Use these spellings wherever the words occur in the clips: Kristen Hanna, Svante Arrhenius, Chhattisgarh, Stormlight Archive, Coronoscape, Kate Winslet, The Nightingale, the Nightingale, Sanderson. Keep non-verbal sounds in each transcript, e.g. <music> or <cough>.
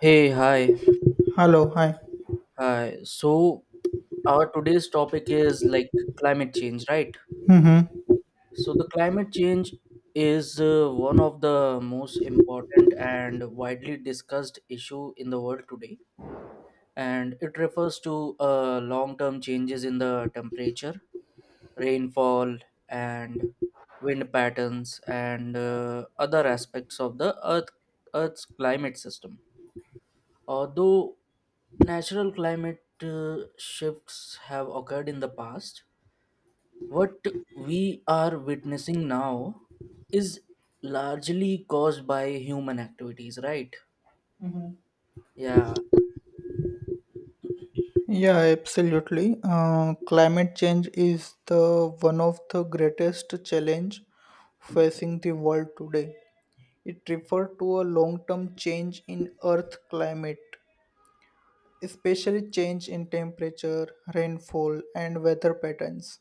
Hey, hi, Hello, hi. hi. Our today's topic is like climate change, right? Mm-hmm. So, the climate change is one of the most important and widely discussed issue in the world today, and it refers to long-term changes in the temperature, rainfall, and wind patterns, and other aspects of the Earth's climate system. Although natural climate shifts have occurred in the past, what we are witnessing now is largely caused by human activities, right? Yeah, Yeah, absolutely. Climate change is the one of the greatest challenge facing the world today. It refers to a long-term change in Earth climate, especially change in temperature, rainfall, and weather patterns.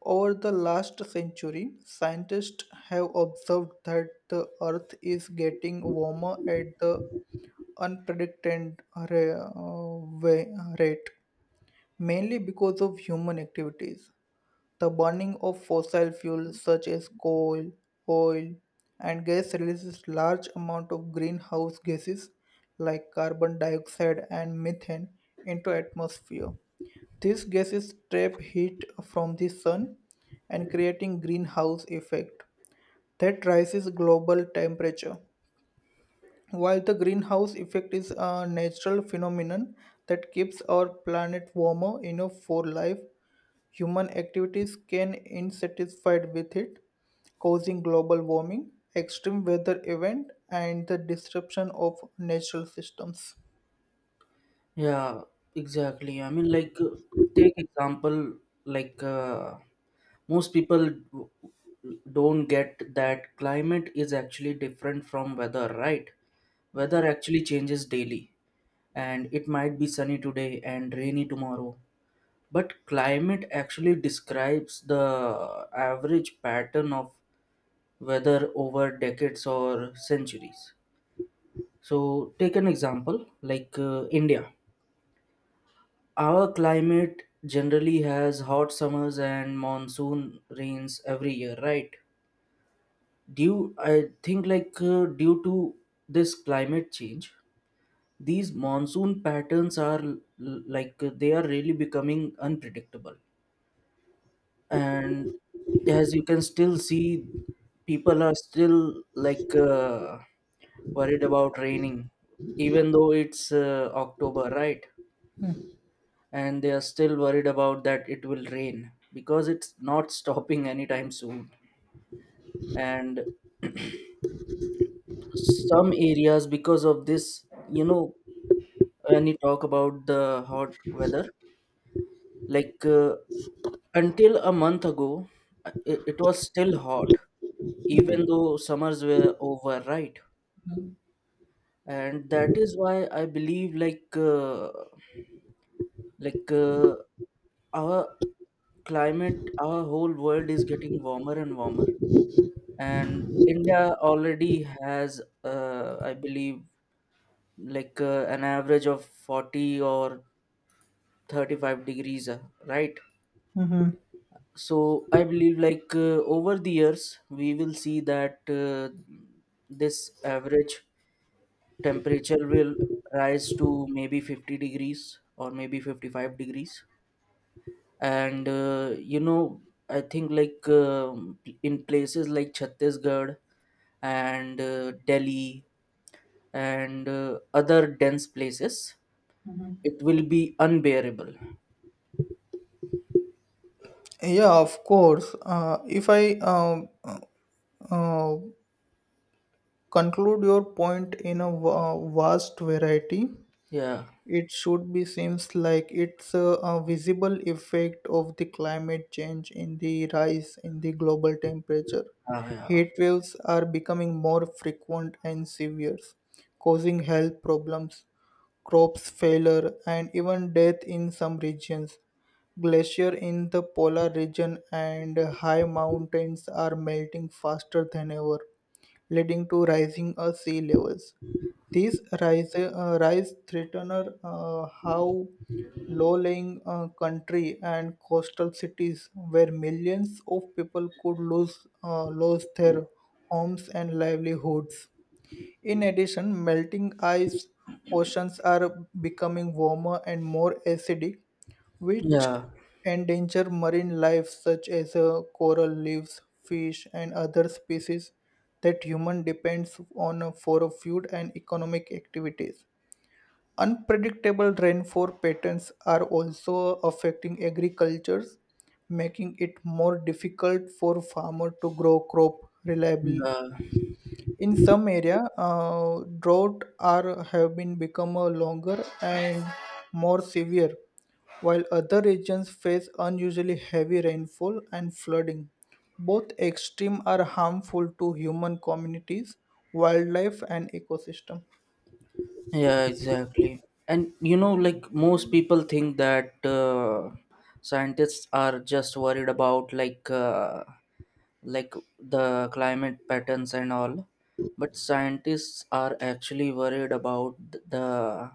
Over the last century, scientists have observed that the Earth is getting warmer at the unprecedented rate mainly because of human activities. The burning of fossil fuels such as coal, oil, and gas releases large amount of greenhouse gases like carbon dioxide and methane into atmosphere. These gases trap heat from the sun and creating greenhouse effect that rises global temperature. While the greenhouse effect is a natural phenomenon that keeps our planet warmer enough for life, human activities can insatisfied with it, causing global warming, extreme weather event, and the disruption of natural systems. yeah, exactly. Take example, like, uh, most people don't get that climate is actually different from weather, right? Weather actually changes daily, and it might be sunny today and rainy tomorrow. But climate actually describes the average pattern of weather over decades or centuries. So, take an example like India. Our climate generally has hot summers and monsoon rains every year, right? Due, I think, due to this climate change, these monsoon patterns are they are really becoming unpredictable, and as you can still see people are still worried about raining even though it's October, right? And they are still worried about that it will rain because it's not <laughs> stopping anytime soon. And <clears throat> some areas because of this, you know, when you talk about the hot weather, Like uh, until a month ago, it was still hot, even though summers were over, right? And that is why I believe like uh, our climate, our whole world is getting warmer and warmer. And India already has, I believe, an average of 40 or 35 degrees, right? So I believe over the years we will see that this average temperature will rise to maybe 50 degrees or maybe 55 degrees. And you know, I think in places like Chhattisgarh and Delhi and other dense places, it will be unbearable. Yeah, of course. If I uh, conclude your point in a vast variety, Yeah. it should be seems like it's a visible effect of the climate change in the rise in the global temperature. Ah, yeah. Heat waves are becoming more frequent and severe, causing health problems, crops failure, and even death in some regions. Glacier in the polar region and high mountains are melting faster than ever, leading to rising sea levels. These rise threaten how low-lying country and coastal cities where millions of people could lose lose their homes and livelihoods. In addition, melting ice oceans are becoming warmer and more acidic, which Yeah, endanger marine life such as coral reefs, fish, and other species that human depends on for food and economic activities. Unpredictable rainfall patterns are also affecting agriculture, making it more difficult for farmer to grow crop reliably. yeah. In some area, drought are have been become a longer and more severe, while other regions face unusually heavy rainfall and flooding. Both extreme are harmful to human communities, wildlife, and ecosystem. Yeah, exactly. And you know, like most people think that scientists are just worried about like the climate patterns and all, but scientists are actually worried about the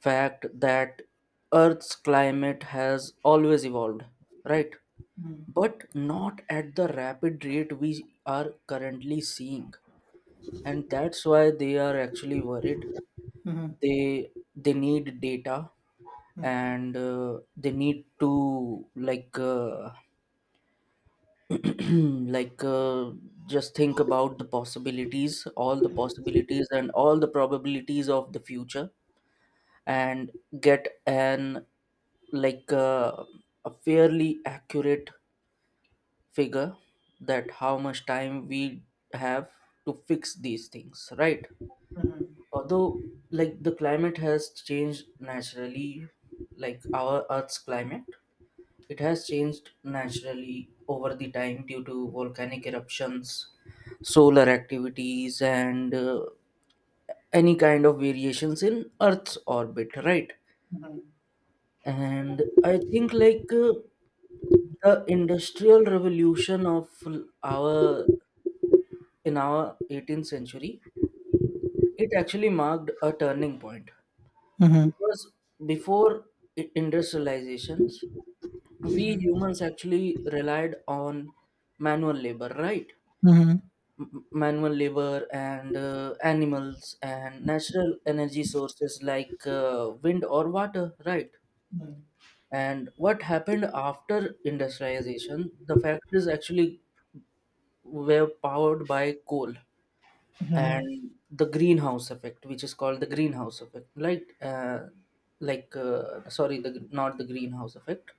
fact that Earth's climate has always evolved, right? But not at the rapid rate we are currently seeing, and that's why they are actually worried. Mhm, They need data, mhm, and they need to <clears throat> like uh, just think about the possibilities, all the possibilities and all the probabilities of the future, and get an like uh, a fairly accurate figure that how much time we have to fix these things, right? Although like the climate has changed naturally, like our earth's climate, it has changed naturally over the time due to volcanic eruptions, solar activities, and any kind of variations in earth's orbit, right? And I think the industrial revolution of our in our 18th century, it actually marked a turning point. mhm, Because before industrializations, we humans actually relied on manual labor, right? Manual labor and animals and natural energy sources wind or water, right? And what happened after industrialization, the factories actually were powered by coal, and the greenhouse effect, which is called the greenhouse effect, right, sorry, the not the greenhouse effect,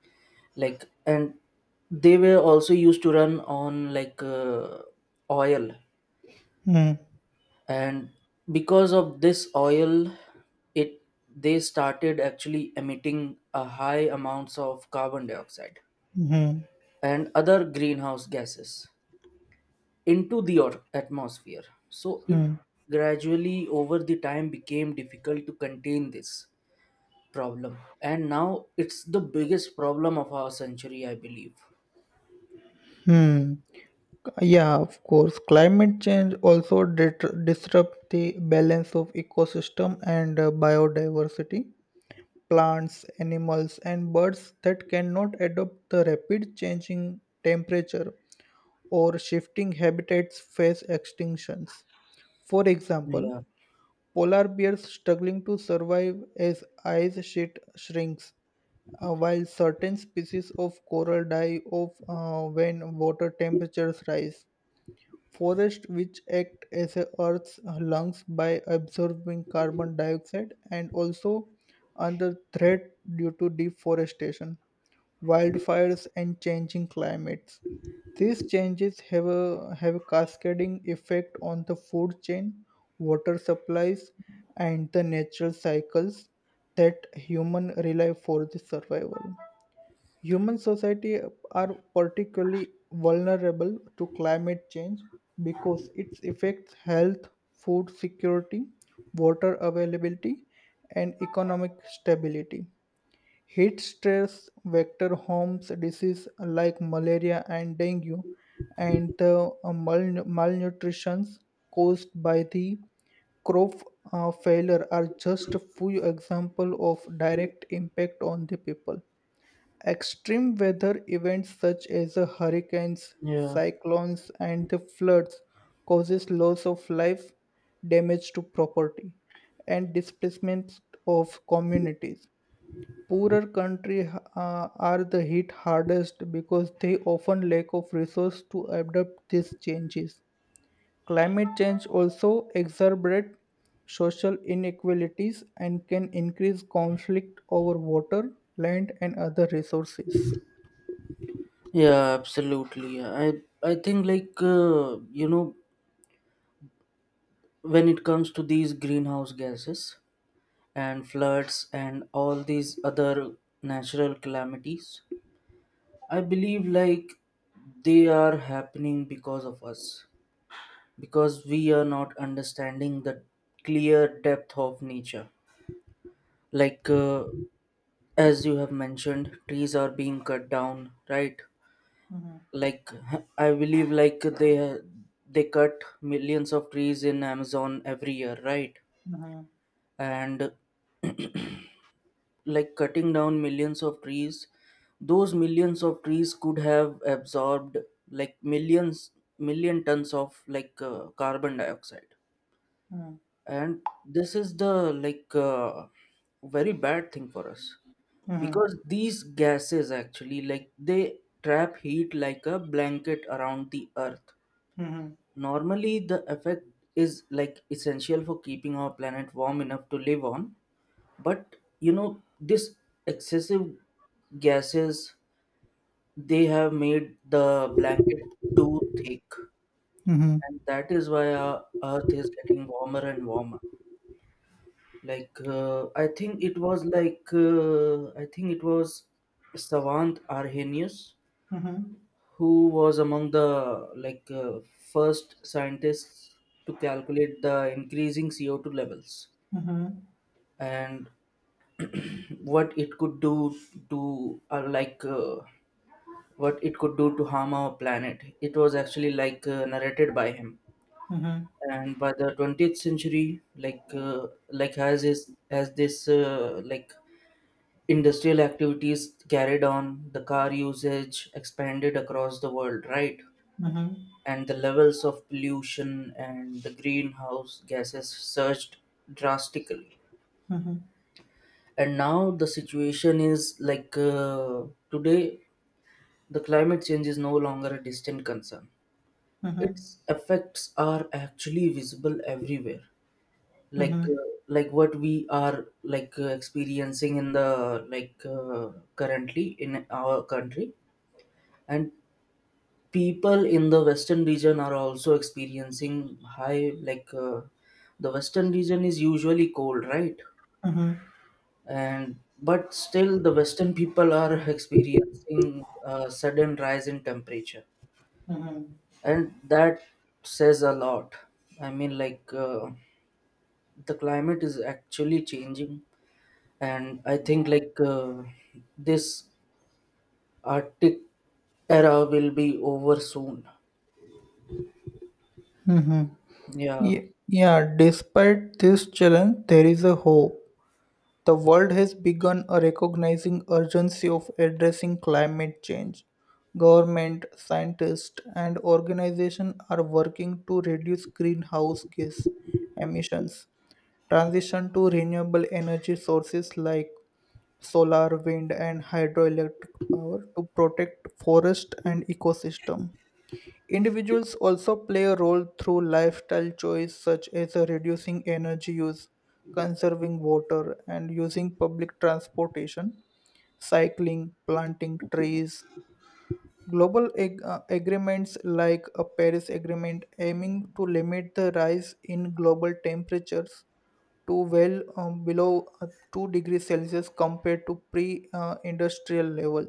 like, and they were also used to run on oil. mhm, And because of this oil, it they started actually emitting a high amounts of carbon dioxide mhm, and other greenhouse gases into the atmosphere. So it mhm, gradually over the time became difficult to contain this problem. And now it's the biggest problem of our century, I believe. mhm. Yeah, of course. Climate change also disrupt the balance of ecosystem and biodiversity. Plants, animals, and birds that cannot adapt the rapid changing temperature or shifting habitats face extinctions. For example, Yeah, polar bears struggling to survive as ice sheet shrinks, while certain species of coral die off when water temperatures rise. Forests, which act as a Earth's lungs by absorbing carbon dioxide, and also under threat due to deforestation, wildfires, and changing climates. These changes have a cascading effect on the food chain, water supplies, and the natural cycles that human rely for the survival. Human society are particularly vulnerable to climate change because it affects health, food security, water availability, and economic stability. Heat stress vector homes disease like malaria and dengue, and the malnutrition caused by the crop failure are just a few example of direct impact on the people. Extreme weather events such as hurricanes, yeah, cyclones, and the floods causes loss of life, damage to property, and displacement of communities. Poorer countries are the hit hardest because they often lack of resource to adapt these changes. Climate change also exacerbates social inequalities and can increase conflict over water, land, and other resources. yeah, absolutely. I think you know, when it comes to these greenhouse gases and floods and all these other natural calamities, I believe like they are happening because of us because we are not understanding the clear depth of nature, like uh, as you have mentioned, trees are being cut down, right? Like, I believe like they cut millions of trees in Amazon every year, right? And like cutting down millions of trees, those millions of trees could have absorbed like millions, million tons of carbon dioxide. Mhm, And this is the very bad thing for us mhm, because these gases actually like they trap heat like a blanket around the earth. mhm, Normally the effect is like essential for keeping our planet warm enough to live on, but you know this excessive gases, they have made the blanket too thick. mhm. And that is why our earth is getting warmer and warmer. I think it was Savant Arrhenius who was among the first scientists to calculate the increasing CO2 levels and <clears throat> what it could do to what it could do to harm our planet. It was actually narrated by him. And by the 20th century like has is as this like industrial activities carried on, the car usage expanded across the world, right? And the levels of pollution and the greenhouse gases surged drastically. And now the situation is today, the climate change is no longer a distant concern. Its effects are actually visible everywhere. Like uh, like what we are experiencing in the currently in our country, and people in the western region are also experiencing high, the western region is usually cold, right? And but still the western people are <laughs> experiencing a sudden rise in temperature, and that says a lot. I mean, the climate is actually changing. And I think this arctic era will be over soon. Yeah. Yeah, despite this challenge, there is a hope. The world has begun a recognizing urgency of addressing climate change. Government, scientists, and organizations are working to reduce greenhouse gas emissions, transition to renewable energy sources like solar, wind, and hydroelectric power to protect forest and ecosystem. Individuals also play a role through lifestyle choices such as reducing energy use, conserving water, and using public transportation, cycling, planting trees. Global agreements like a Paris Agreement aiming to limit the rise in global temperatures to well below 2 degrees Celsius compared to pre industrial level.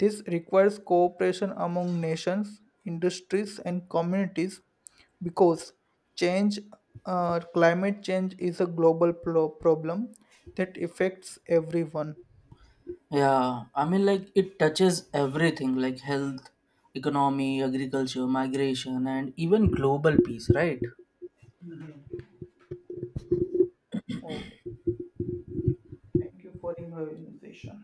This requires cooperation among nations, industries, and communities because change, climate change, is a global problem that affects everyone. Yeah, I mean, like it touches everything like health, economy, agriculture, migration, and even global peace, right? Oh, thank you for inviting the session.